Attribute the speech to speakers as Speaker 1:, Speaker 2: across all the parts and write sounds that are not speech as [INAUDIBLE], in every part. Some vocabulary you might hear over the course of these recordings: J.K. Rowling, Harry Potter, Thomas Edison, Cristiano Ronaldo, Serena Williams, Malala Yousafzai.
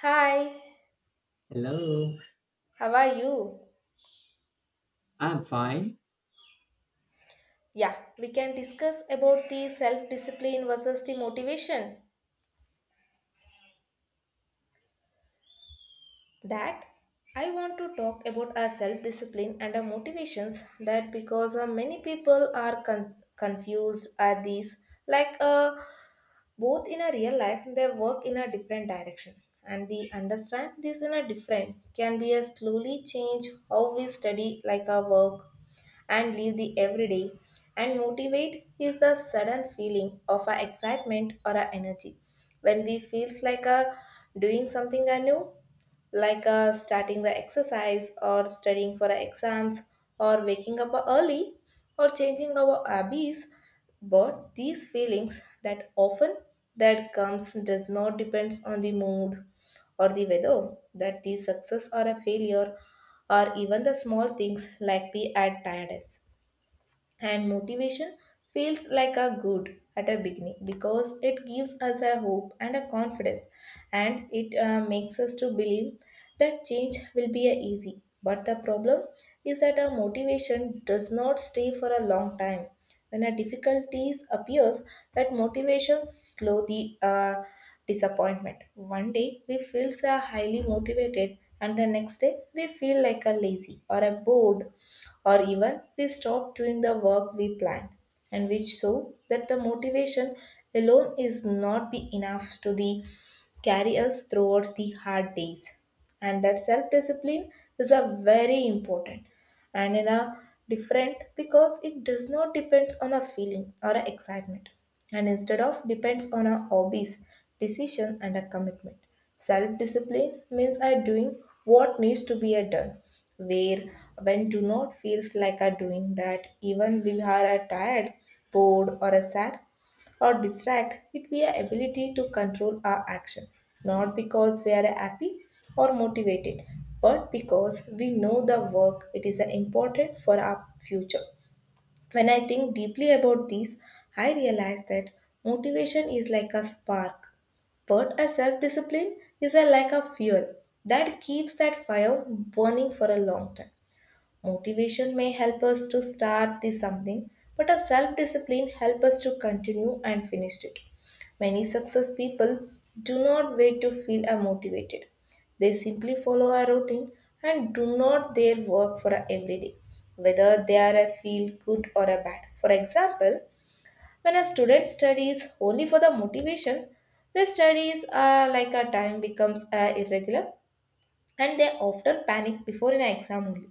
Speaker 1: Hi,
Speaker 2: Hello,
Speaker 1: how are you?
Speaker 2: I'm fine.
Speaker 1: Yeah, we can discuss about the self discipline versus the motivation. That I want to talk about our self discipline and our motivations. That because many people are confused at these, like both in a real life, they work in a different direction, and the understand this in a different can be a slowly change how we study, like our work, and leave the everyday. And motivate is the sudden feeling of our excitement or our energy when we feels like a doing something new like starting the exercise or studying for our exams or waking up early or changing our hobbies, but these feelings that often that comes does not depends on the mood or the weather that the success or a failure or even the small things like be at tiredness. And motivation feels like a good at a beginning because it gives us a hope and a confidence, and it makes us to believe that change will be a easy, but the problem is that our motivation does not stay for a long time. When a difficulties appears, that motivation slowly disappointment. One day we feel so highly motivated, and the next day we feel like a lazy or a bored, or even we stop doing the work we planned, and which so that the motivation alone is not be enough to the carry us towards the hard days, and that self discipline is a very important and in a different because it does not depends on a feeling or a excitement, and instead of depends on a hobbies decision and a commitment. Self discipline means I doing what needs to be a done, where when do not feels like a doing that even we are a tired, bored or a sad, or distract it via ability to control our action, not because we are happy or motivated, but because we know the work it is important for our future. When I think deeply about this, I realize that motivation is like a spark, but a self-discipline is a like a fuel that keeps that fire burning for a long time. Motivation may help us to start the something, but our self-discipline help us to continue and finish it. Many success people do not wait to feel motivated. They simply follow a routine and do not their work for a every day, whether they are a feel good or a bad. For example, when a student studies only for the motivation, their studies are like a time becomes irregular, and they often panic before an exam only.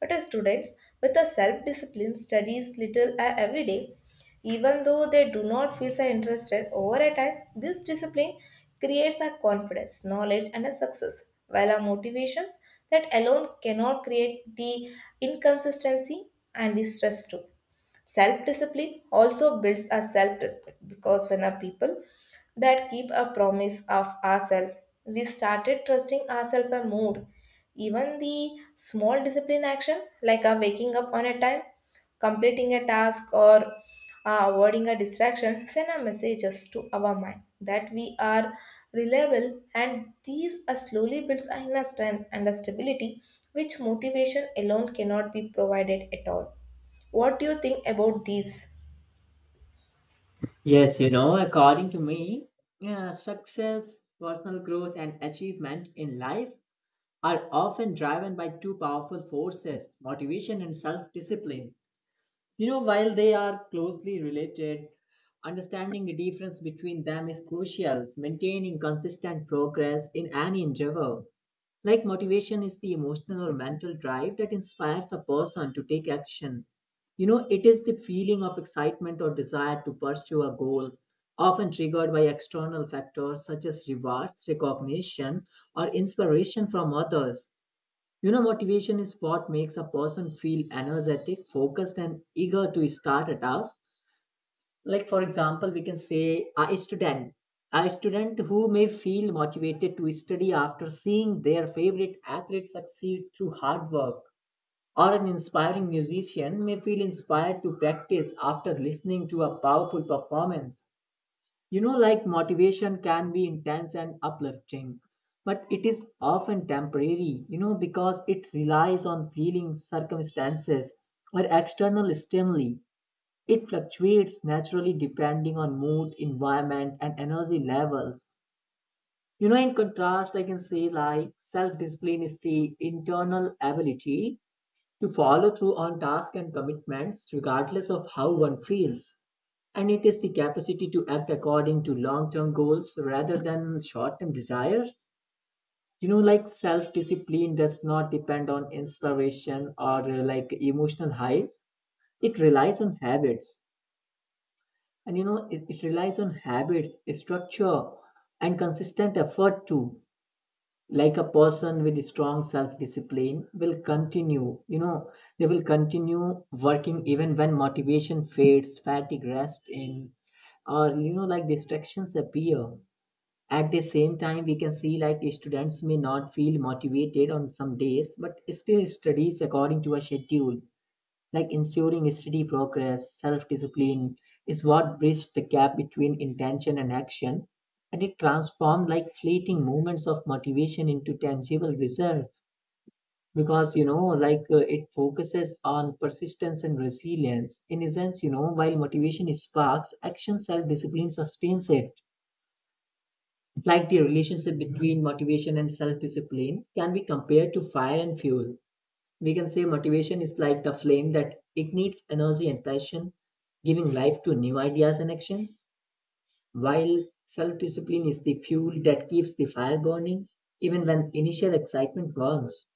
Speaker 1: But as students with a self-discipline studies little every day, even though they do not feel so interested over a time, this discipline creates a confidence, knowledge, and a success, while our motivations that alone cannot create the inconsistency and the stress too. Self discipline also builds a self respect because when a people that keep a promise of ourselves, we started trusting ourselves a more. Even the small discipline action, like a waking up on a time, completing a task, or avoiding a distraction, [LAUGHS] send a messages to our mind that we are reliable, and these are slowly builds a inner strength and a stability which motivation alone cannot be provided at all. What do you think about these?
Speaker 2: Yes, according to me, yeah, success, personal growth, and achievement in life are often driven by two powerful forces motivation and self discipline. While they are closely related, understanding the difference between them is crucial, maintaining consistent progress in any endeavor. Like motivation is the emotional or mental drive that inspires a person to take action. It is the feeling of excitement or desire to pursue a goal, often triggered by external factors such as rewards, recognition, or inspiration from others. Motivation is what makes a person feel energetic, focused, and eager to start a task like, for example, we can say a student. A student who may feel motivated to study after seeing their favorite athlete succeed through hard work. Or an inspiring musician may feel inspired to practice after listening to a powerful performance. Like motivation can be intense and uplifting, but it is often temporary, because it relies on feelings, circumstances, or external stimuli it fluctuates naturally depending on mood, environment, and energy levels. In contrast, I can say like self discipline is the internal ability to follow through on tasks and commitments regardless of how one feels. And it is the capacity to act according to long term goals rather than short term desires. Like self discipline does not depend on inspiration or like emotional highs, it relies on habits and you know it, it relies on habits structure and consistent effort too like a person with strong self discipline will continue they will continue working even when motivation fades fatigue rest in or like distractions appear at the same time we can see like students may not feel motivated on some days but still studies according to a schedule like ensuring steady progress, self discipline is what bridged the gap between intention and action, and it transformed like fleeting moments of motivation into tangible results. Because it focuses on persistence and resilience. In essence, while motivation sparks, action self discipline sustains it. Like the relationship between motivation and self discipline can be compared to fire and fuel we can say motivation is like the flame that ignites energy and passion, giving life to new ideas and actions, while self discipline is the fuel that keeps the fire burning even when initial excitement warms.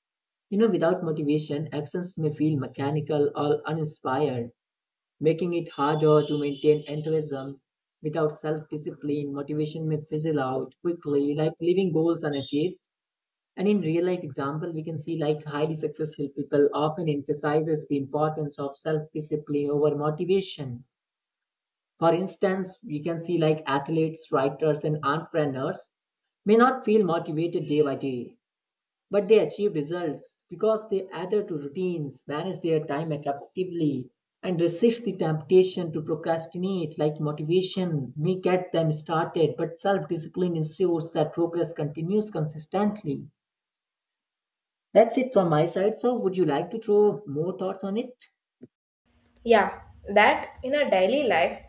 Speaker 2: Without motivation, actions may feel mechanical or uninspired, making it harder to maintain enthusiasm. Without self discipline, motivation may fizzle out quickly, like leaving goals unachieved and in real life example, we can see like highly successful people often emphasizes the importance of self-discipline over motivation. For instance, we can see like athletes, writers, and entrepreneurs may not feel motivated day by day, but they achieve results because they adhere to routines, manage their time effectively, and resist the temptation to procrastinate. Like motivation may get them started, but self discipline ensures that progress continues consistently. That's it from my side. So, would you like to throw more thoughts on it?
Speaker 1: Yeah, that in a daily life,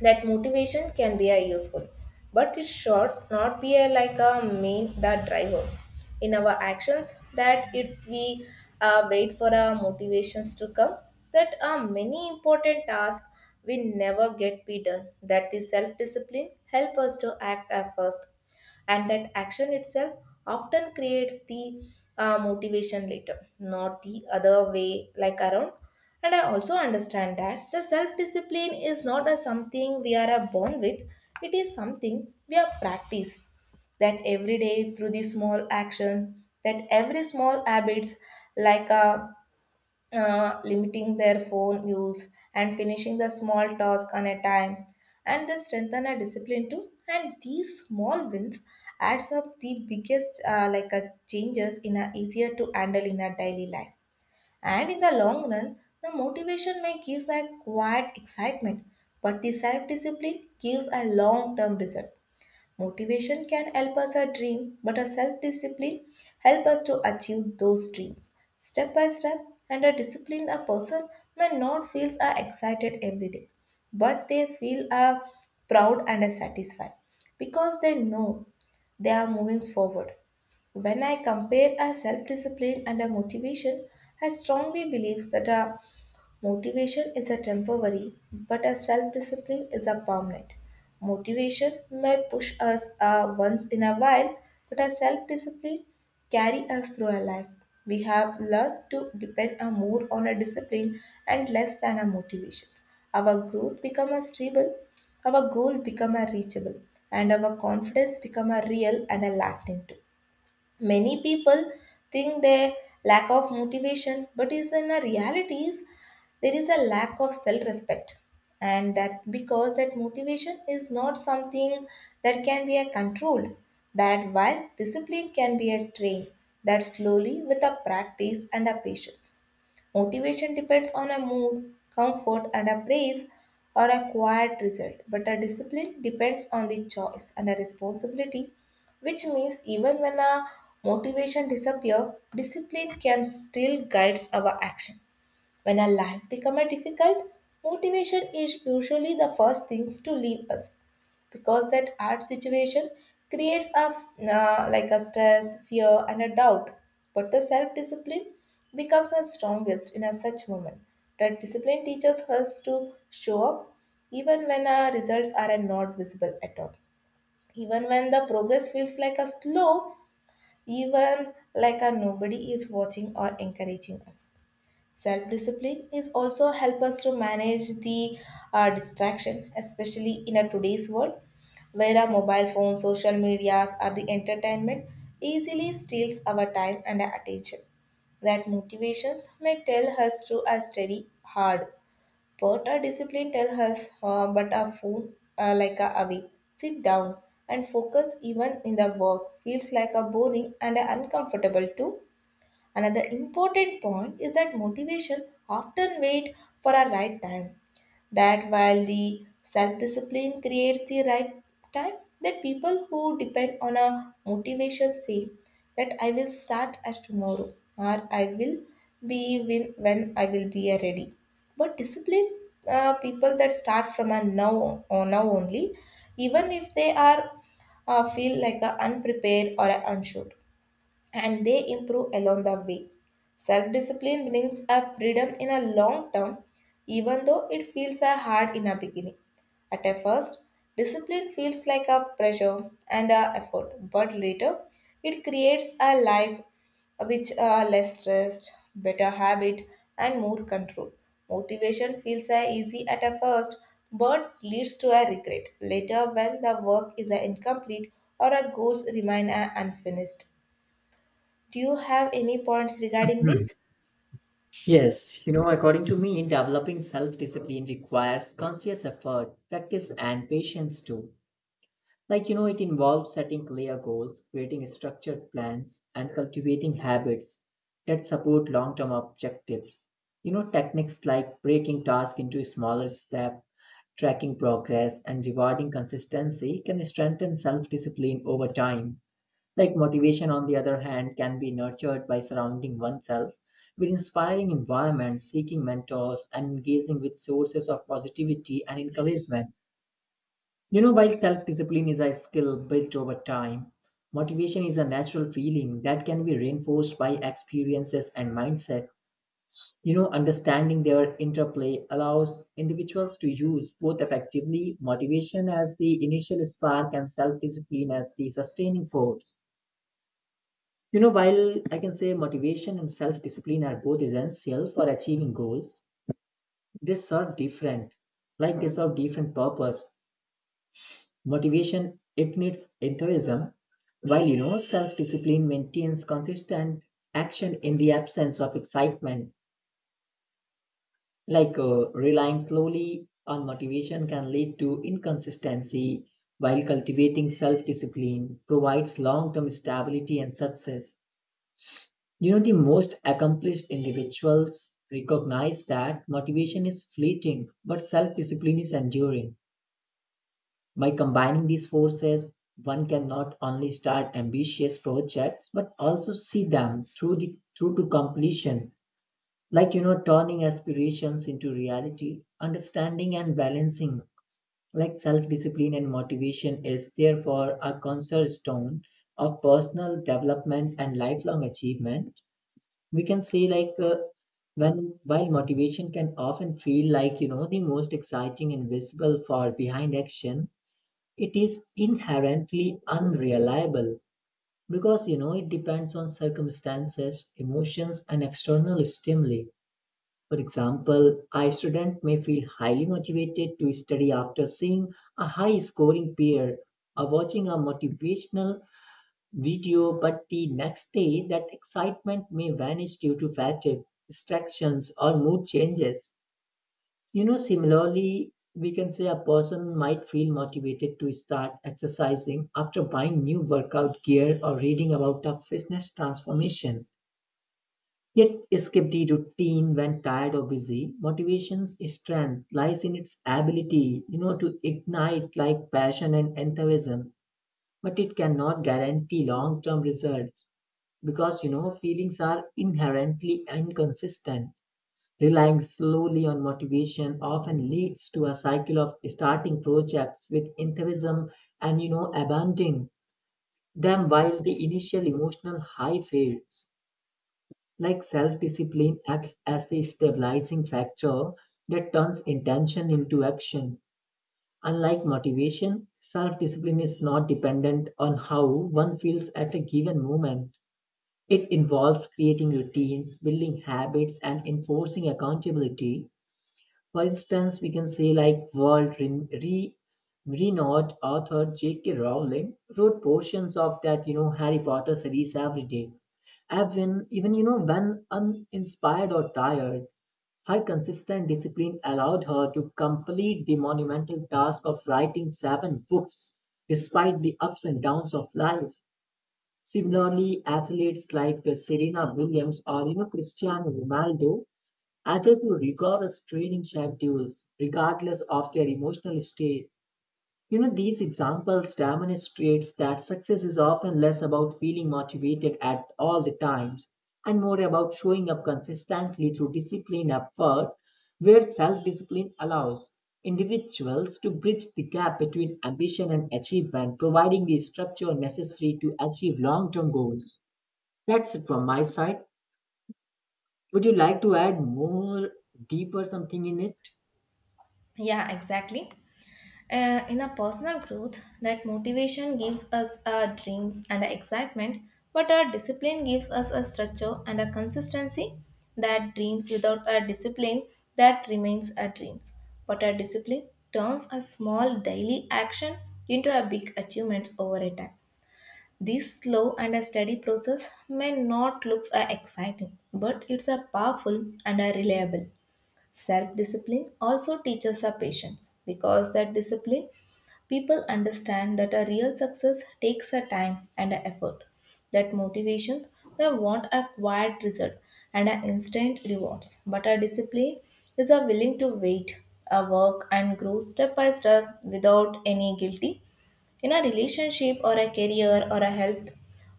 Speaker 1: that motivation can be a useful, but it should not be a, like a main the driver in our actions. That if we wait for our motivations to come, that are many important tasks will never get be done. That the self discipline help us to act at first, and that action itself often creates the motivation later not the other way like around. And I also understand that the self discipline is not a something we are born with. It is something we are practice that every day through the small action, that every small habits like a limiting their phone use and finishing the small task on a time, and they strengthen a discipline too, and these small wins adds up the biggest like a changes in a easier to handle in our daily life. And in the long run, the motivation may gives a quiet excitement, but the self discipline gives a long term result. Motivation can help us a dream, but a self-discipline help us to achieve those dreams. Step by step, and a disciplined a person may not feels are excited every day, but they feel are proud and are satisfied because they know they are moving forward. When I compare a self discipline and a motivation, I strongly believe that a motivation is a temporary, but a self-discipline is a permanent. Motivation may push us once in a while, but a self-discipline carry us through our life. We have learned to depend a more on a discipline and less than our motivations. Our growth become a stable, our goal become a reachable, and our confidence become a real and a lasting too. Many people think their lack of motivation, but is in a reality is there is a lack of self-respect, and that because that motivation is not something that can be a controlled. That while discipline can be a train, that slowly with a practice and a patience. Motivation depends on a mood, comfort, and a praise or a quiet result, but a discipline depends on the choice and a responsibility, which means even when a motivation disappears, discipline can still guides our action. When our life becomes difficult, motivation is usually the first things to leave us because that hard situation creates a like a stress, fear, and a doubt. But the self-discipline becomes our strongest in a such moment. That discipline teaches us to show up even when our results are not visible at all, even when the progress feels like a slow, even like a nobody is watching or encouraging us. Self discipline is also help us to manage the distraction, especially in a today's world where our mobile phones, social medias, or the entertainment easily steals our time and our attention. That motivations may tell us to study hard, but our discipline tell us but our phone like a away. Sit down and focus even in the work feels like a boring and uncomfortable too. Another important point is that motivation often waits for a right time. That while the self discipline creates the right time, that people who depend on a motivation say that I will start as tomorrow or I will be when, I will be ready. But discipline people that start from a now or now only, even if they are feel like a unprepared or a unsure, and they improve along the way. Self discipline brings up freedom in a long term, even though it feels a hard in a beginning. At a first, discipline feels like a pressure and a effort, but later it creates a life which are less stressed, better habit, and more control. Motivation feels a easy at a first, but leads to a regret later when the work is a incomplete or our goals remain a unfinished. Do you have any points regarding
Speaker 2: Hmm.
Speaker 1: this?
Speaker 2: Yes, according to me, developing self discipline requires conscious effort, practice, and patience too. Like, it involves setting clear goals, creating structured plans, and cultivating habits that support long term objectives. Techniques like breaking tasks into smaller steps, tracking progress, and rewarding consistency can strengthen self discipline over time. Like motivation, on the other hand, can be nurtured by surrounding oneself with inspiring environments, seeking mentors, and engaging with sources of positivity and encouragement. While self discipline is a skill built over time, motivation is a natural feeling that can be reinforced by experiences and mindset. Understanding their interplay allows individuals to use both effectively motivation as the initial spark and self discipline as the sustaining force. While I can say motivation and self discipline are both essential for achieving goals, they serve different, like they serve different purpose. Motivation ignites enthusiasm, while self discipline maintains consistent action in the absence of excitement. Relying slowly on motivation can lead to inconsistency, while cultivating self discipline provides long term stability and success. The most accomplished individuals recognize that motivation is fleeting, but self discipline is enduring. By combining these forces, one can not only start ambitious projects but also see them through to completion like turning aspirations into reality understanding and balancing like self discipline and motivation is therefore a cornerstone of personal development and lifelong achievement we can say when while motivation can often feel like the most exciting and visible for behind action it is inherently unreliable because it depends on circumstances emotions and external stimuli for example a student may feel highly motivated to study after seeing a high scoring peer or watching a motivational video, but the next day that excitement may vanish due to fatigue, distractions, or mood changes. Similarly, we can say a person might feel motivated to start exercising after buying new workout gear or reading about a fitness transformation. Yet, skip the routine when tired or busy. Motivation's strength lies in its ability, to ignite like passion and enthusiasm, but it cannot guarantee long-term results because feelings are inherently inconsistent relying slowly on motivation often leads to a cycle of starting projects with enthusiasm and abandoning them while the initial emotional high fades like self-discipline acts as a stabilizing factor that turns intention into action unlike motivation self-discipline is not dependent on how one feels at a given moment it involves creating routines, building habits, and enforcing accountability. For instance, we can say like world renowned author J.K. Rowling wrote portions of that you know Harry Potter series every day. Even when uninspired or tired, her consistent discipline allowed her to complete the monumental task of writing seven books despite the ups and downs of life. Similarly, athletes like Serena Williams or Cristiano Ronaldo adhere to rigorous training schedules regardless of their emotional state. These examples demonstrates that success is often less about feeling motivated at all the times and more about showing up consistently through discipline effort where self-discipline allows individuals to bridge the gap between ambition and achievement, providing the structure necessary to achieve long-term goals. That's it from my side. Would you like to add more deeper something in it?
Speaker 1: Yeah, exactly. In a personal growth, that motivation gives us our dreams and our excitement, but our discipline gives us a structure and a consistency, that dreams without a discipline that remains our dreams. But our discipline turns a small daily action into a big achievements over a time. This slow and a steady process may not look exciting, but it's a powerful and a reliable. Self discipline also teaches us patience because that discipline people understand that a real success takes a time and a effort. That motivation they want a quiet result and an instant rewards, but a discipline is a willing to wait, a work and grow step by step without any guilty in a relationship or a career or a health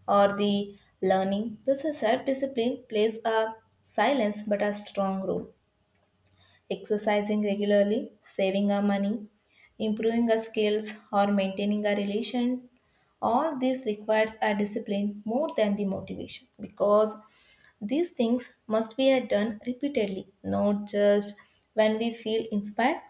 Speaker 1: or the learning. This is self discipline plays a silence but a strong role, exercising regularly, saving our money, improving our skills, or maintaining our relation. All this requires our discipline more than the motivation because these things must be done repeatedly, not just when we feel inspired,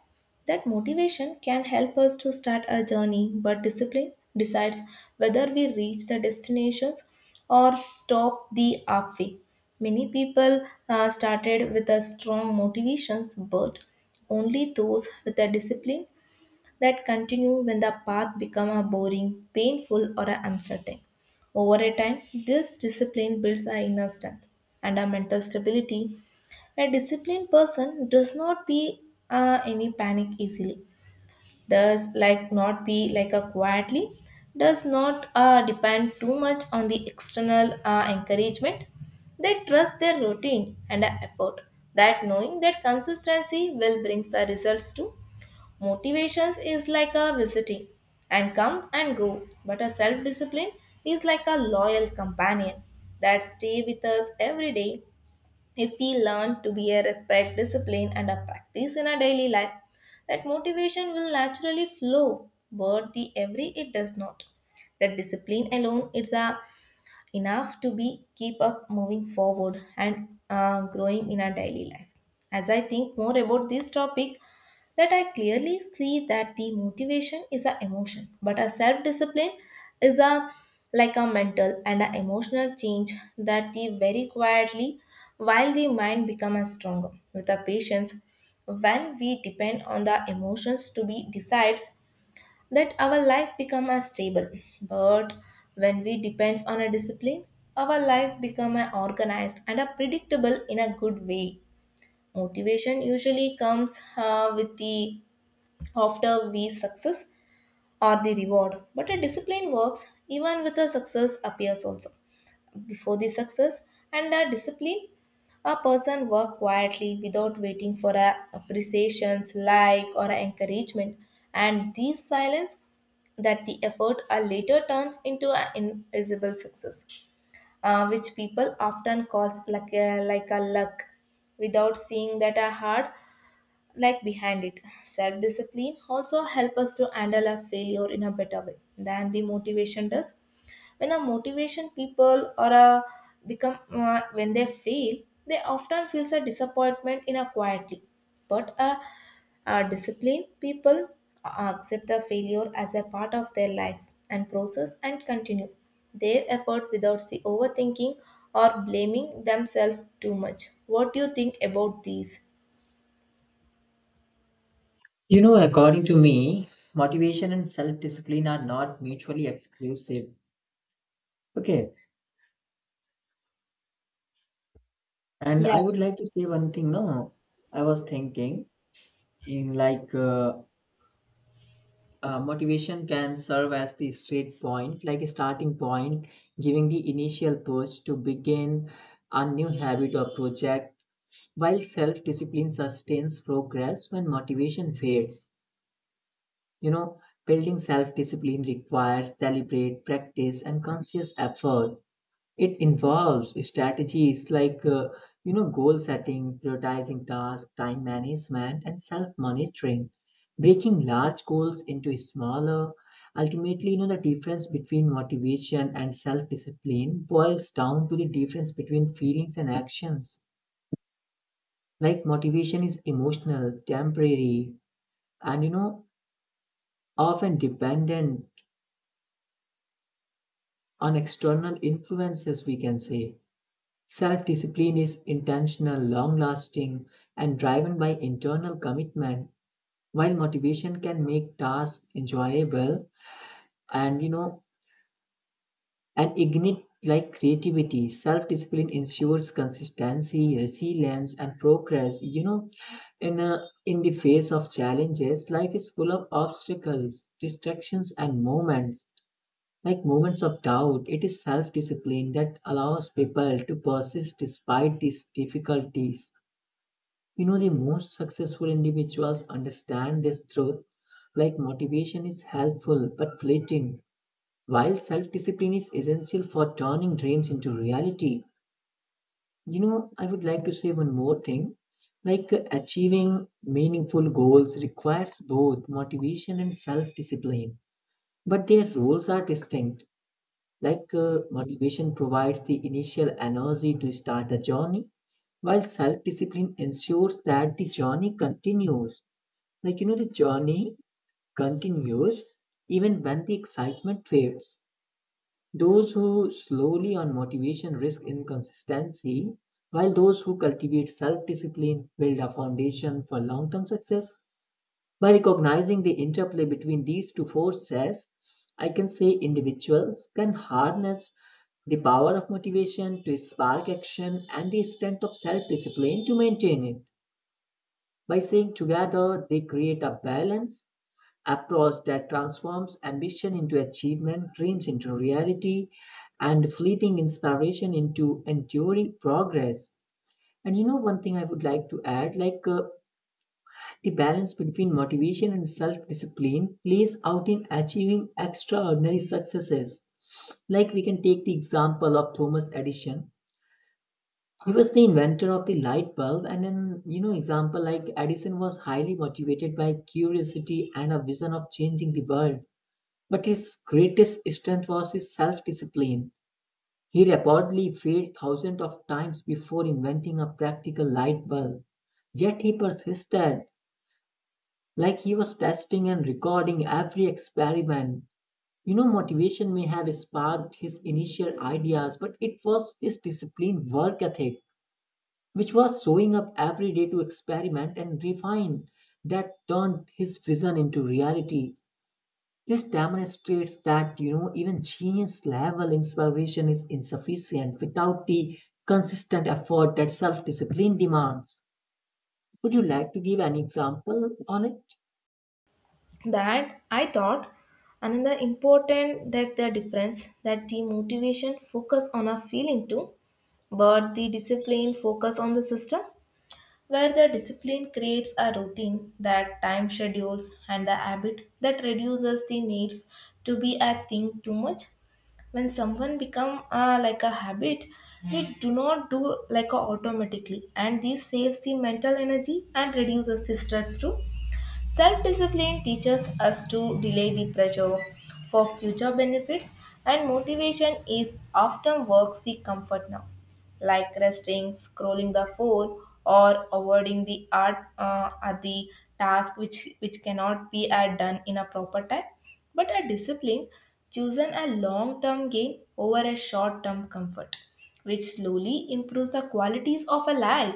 Speaker 1: that motivation can help us to start a journey, but discipline decides whether we reach the destinations or stop the halfway. Many people started with a strong motivations, but only those with a discipline that continue when the path become a boring, painful, or a uncertain. Over a time, this discipline builds our inner strength and our mental stability. A disciplined person does not be any panic easily, thus like not be like a quietly, does not depend too much on the external encouragement. They trust their routine and effort, that knowing that consistency will bring the results too. Motivations is like a visiting and come and go, but a self discipline is like a loyal companion that stay with us every day. If we learn to be a respect, discipline, and a practice in our daily life, that motivation will naturally flow. But the every it does not. That discipline alone is a enough to be keep up moving forward and growing in our daily life. As I think more about this topic, that I clearly see that the motivation is a emotion, but a self discipline is a like a mental and a emotional change that the very quietly, while the mind becomes stronger with a patience. When we depend on the emotions to be decides, that our life become a stable, but when we depends on a discipline, our life become a organized and a predictable in a good way. Motivation usually comes with the, after we success or the reward, but a discipline works even with a success appears also before the success. And a discipline, a person work quietly without waiting for a appreciations like or a encouragement, and these silence, that the effort are later turns into an invisible success, which people often cause like a luck, without seeing that a hard like behind it. Self discipline also help us to handle our failure in a better way than the motivation does. When a motivation people or a become when they fail, they often feels a disappointment in a quietly. But a, a disciplined people accept the failure as a part of their life and process, and continue their effort without the overthinking or blaming themselves too much. What do you think about these?
Speaker 2: According to me, motivation and self discipline are not mutually exclusive. Okay. And
Speaker 1: Yeah,
Speaker 2: I would like to say one thing. No, I was thinking in like motivation can serve as the straight point, like a starting point, giving the initial push to begin a new habit or project, while self discipline sustains progress when motivation fades. You know, building self discipline requires deliberate practice and conscious effort It involves strategies like goal setting, prioritizing tasks, time management, and self-monitoring, breaking large goals into smaller. Ultimately, the difference between motivation and self-discipline boils down to the difference between feelings and actions. Like motivation is emotional, temporary, and often dependent on external influences, we can say Self discipline is intentional, long lasting, and driven by internal commitment, while motivation can make tasks enjoyable and and ignite like creativity. Self discipline ensures consistency, resilience, and progress. In the face of challenges, life is full of obstacles, distractions, and moments like moments of doubt. It is self discipline that allows people to persist despite these difficulties. The most successful individuals understand this truth like motivation is helpful but fleeting, while self discipline is essential for turning dreams into reality. I would like to say one more thing achieving meaningful goals requires both motivation and self discipline, but their roles are distinct. Motivation provides the initial energy to start a journey, while self discipline ensures that the journey continues. Like, the journey continues even when the excitement fades. Those who slowly on motivation risk inconsistency, while those who cultivate self discipline build a foundation for long term success. By recognizing the interplay between these two forces, I can say individuals can harness the power of motivation to spark action and the strength of self discipline to maintain it. By saying together, they create a balance approach that transforms ambition into achievement, dreams into reality, and fleeting inspiration into enduring progress. And one thing I would like to add the balance between motivation and self discipline plays out in achieving extraordinary successes. Like we can take the example of Thomas Edison. He was the inventor of the light bulb, and an example like Edison was highly motivated by curiosity and a vision of changing the world. But his greatest strength was his self-discipline. He reportedly failed thousands of times before inventing a practical light bulb. Yet he persisted, like he was testing and recording every experiment. Motivation may have sparked his initial ideas, but it was his disciplined work ethic, which was showing up every day to experiment and refine, that turned his vision into reality. This demonstrates that even genius level inspiration is insufficient without the consistent effort that self-discipline demands. Would you like to give an example on it?
Speaker 1: that I thought another important that the difference, that the motivation focus on a feeling too, but the discipline focus on the system, where the discipline creates a routine, that time schedules and the habit that reduces the needs to be a thing too much. When someone become like a habit, it do not do like a automatically, and this saves the mental energy and reduces the stress too. Self discipline teaches us to delay the pressure for future benefits, and motivation is often works the comfort now, like resting, scrolling the phone, or avoiding the art at the task which cannot be done in a proper time. But a discipline chosen a long term gain over a short term comfort, which slowly improves the qualities of a life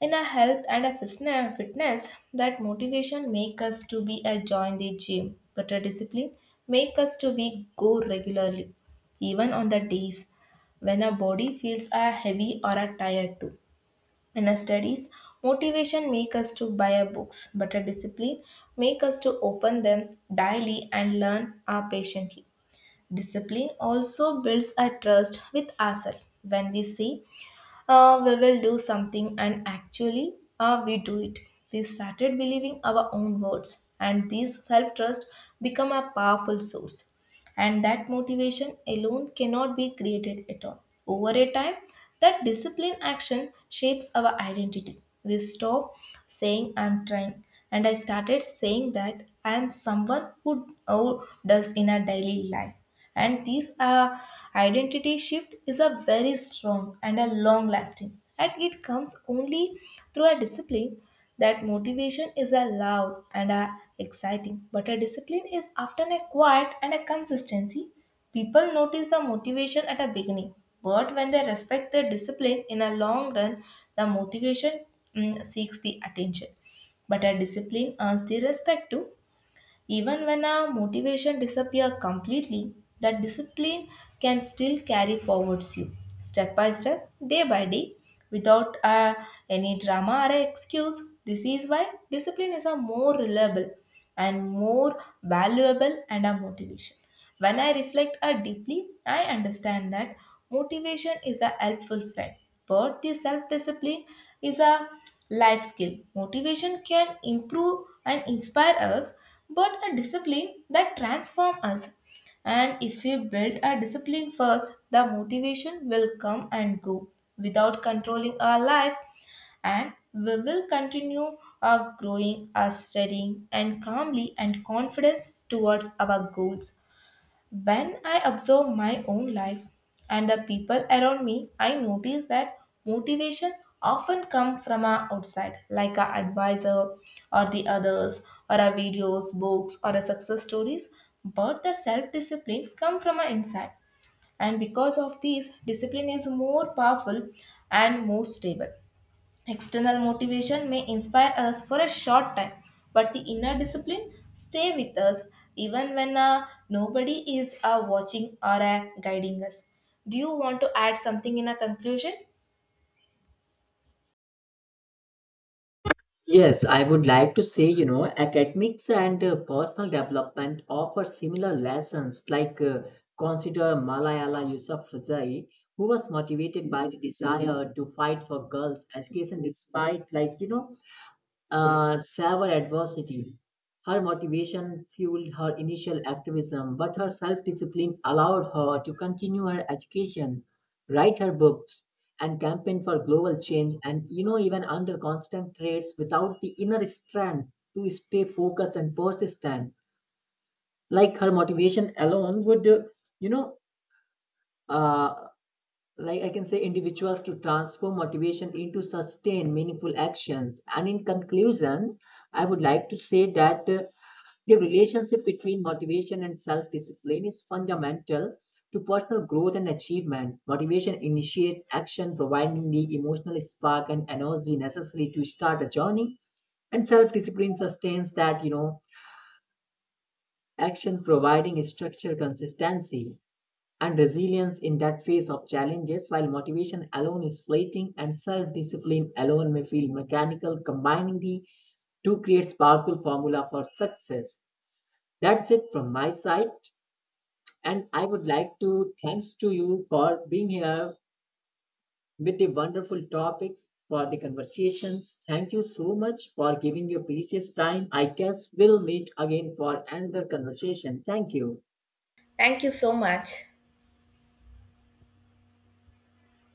Speaker 1: in our health and our fitness, that motivation make us to be a join the gym, but a discipline make us to be go regularly, even on the days when our body feels are heavy or are tired too. In our studies, motivation make us to buy our books, but a discipline make us to open them daily and learn our patiently. Discipline also builds a trust with ourselves. When we say we will do something, and actually we do it, we started believing our own words, and this self-trust become a powerful source, and that motivation alone cannot be created at all over a time. That discipline action shapes our identity. We stop saying I'm trying, and I started saying that I am someone who does in a daily life. And this identity shift is a very strong and a long lasting, and it comes only through a discipline. That motivation is a loud and a exciting, but a discipline is often a quiet and a consistency. People notice the motivation at a beginning, but when they respect their discipline in a long run, the motivation, mm, seeks the attention, but a discipline earns the respect too. Even when our motivation disappears completely, that discipline can still carry forwards you step by step, day by day, without any drama or excuse. This is why discipline is a more reliable and more valuable and a motivation. When I reflect deeply, I understand that motivation is a helpful friend, but the self discipline is a life skill. Motivation can improve and inspire us, but a discipline that transforms us. And if we build a discipline first, the motivation will come and go without controlling our life, and we will continue our growing, our studying, and calmly and confidence towards our goals. When I observe my own life and the people around me, I notice that motivation often comes from a outside, like a advisor or the others, or a videos, books, or a success stories. But the self-discipline come from a inside, and because of these, discipline is more powerful and more stable. External motivation may inspire us for a short time, but the inner discipline stay with us even when nobody is watching or guiding us. Do you want to add something in a conclusion?
Speaker 2: Yes, I would like to say, academics and personal development offer similar lessons. Like, consider Malala Yousafzai, who was motivated by the desire to fight for girls' education, despite, severe adversity. Her motivation fueled her initial activism, but her self discipline allowed her to continue her education, write her books, and campaign for global change. And even under constant threats, without the inner strength to stay focused and persistent, like her motivation alone you know, uh, like I can say, individuals to transform motivation into sustained, meaningful actions. And in conclusion, I would like to say that the relationship between motivation and self discipline is fundamental to personal growth and achievement. Motivation initiates action, providing the emotional spark and energy necessary to start a journey. And self discipline sustains that, action providing structure consistency and resilience in that face of challenges while motivation alone is fleeting and self-discipline alone may feel mechanical combining the two creates powerful formula for success that's it from my side and I would like to thanks to you for being here with the wonderful topics for the conversations thank you so much for giving your precious time I guess we'll meet again for another conversation thank you
Speaker 1: Thank you so much.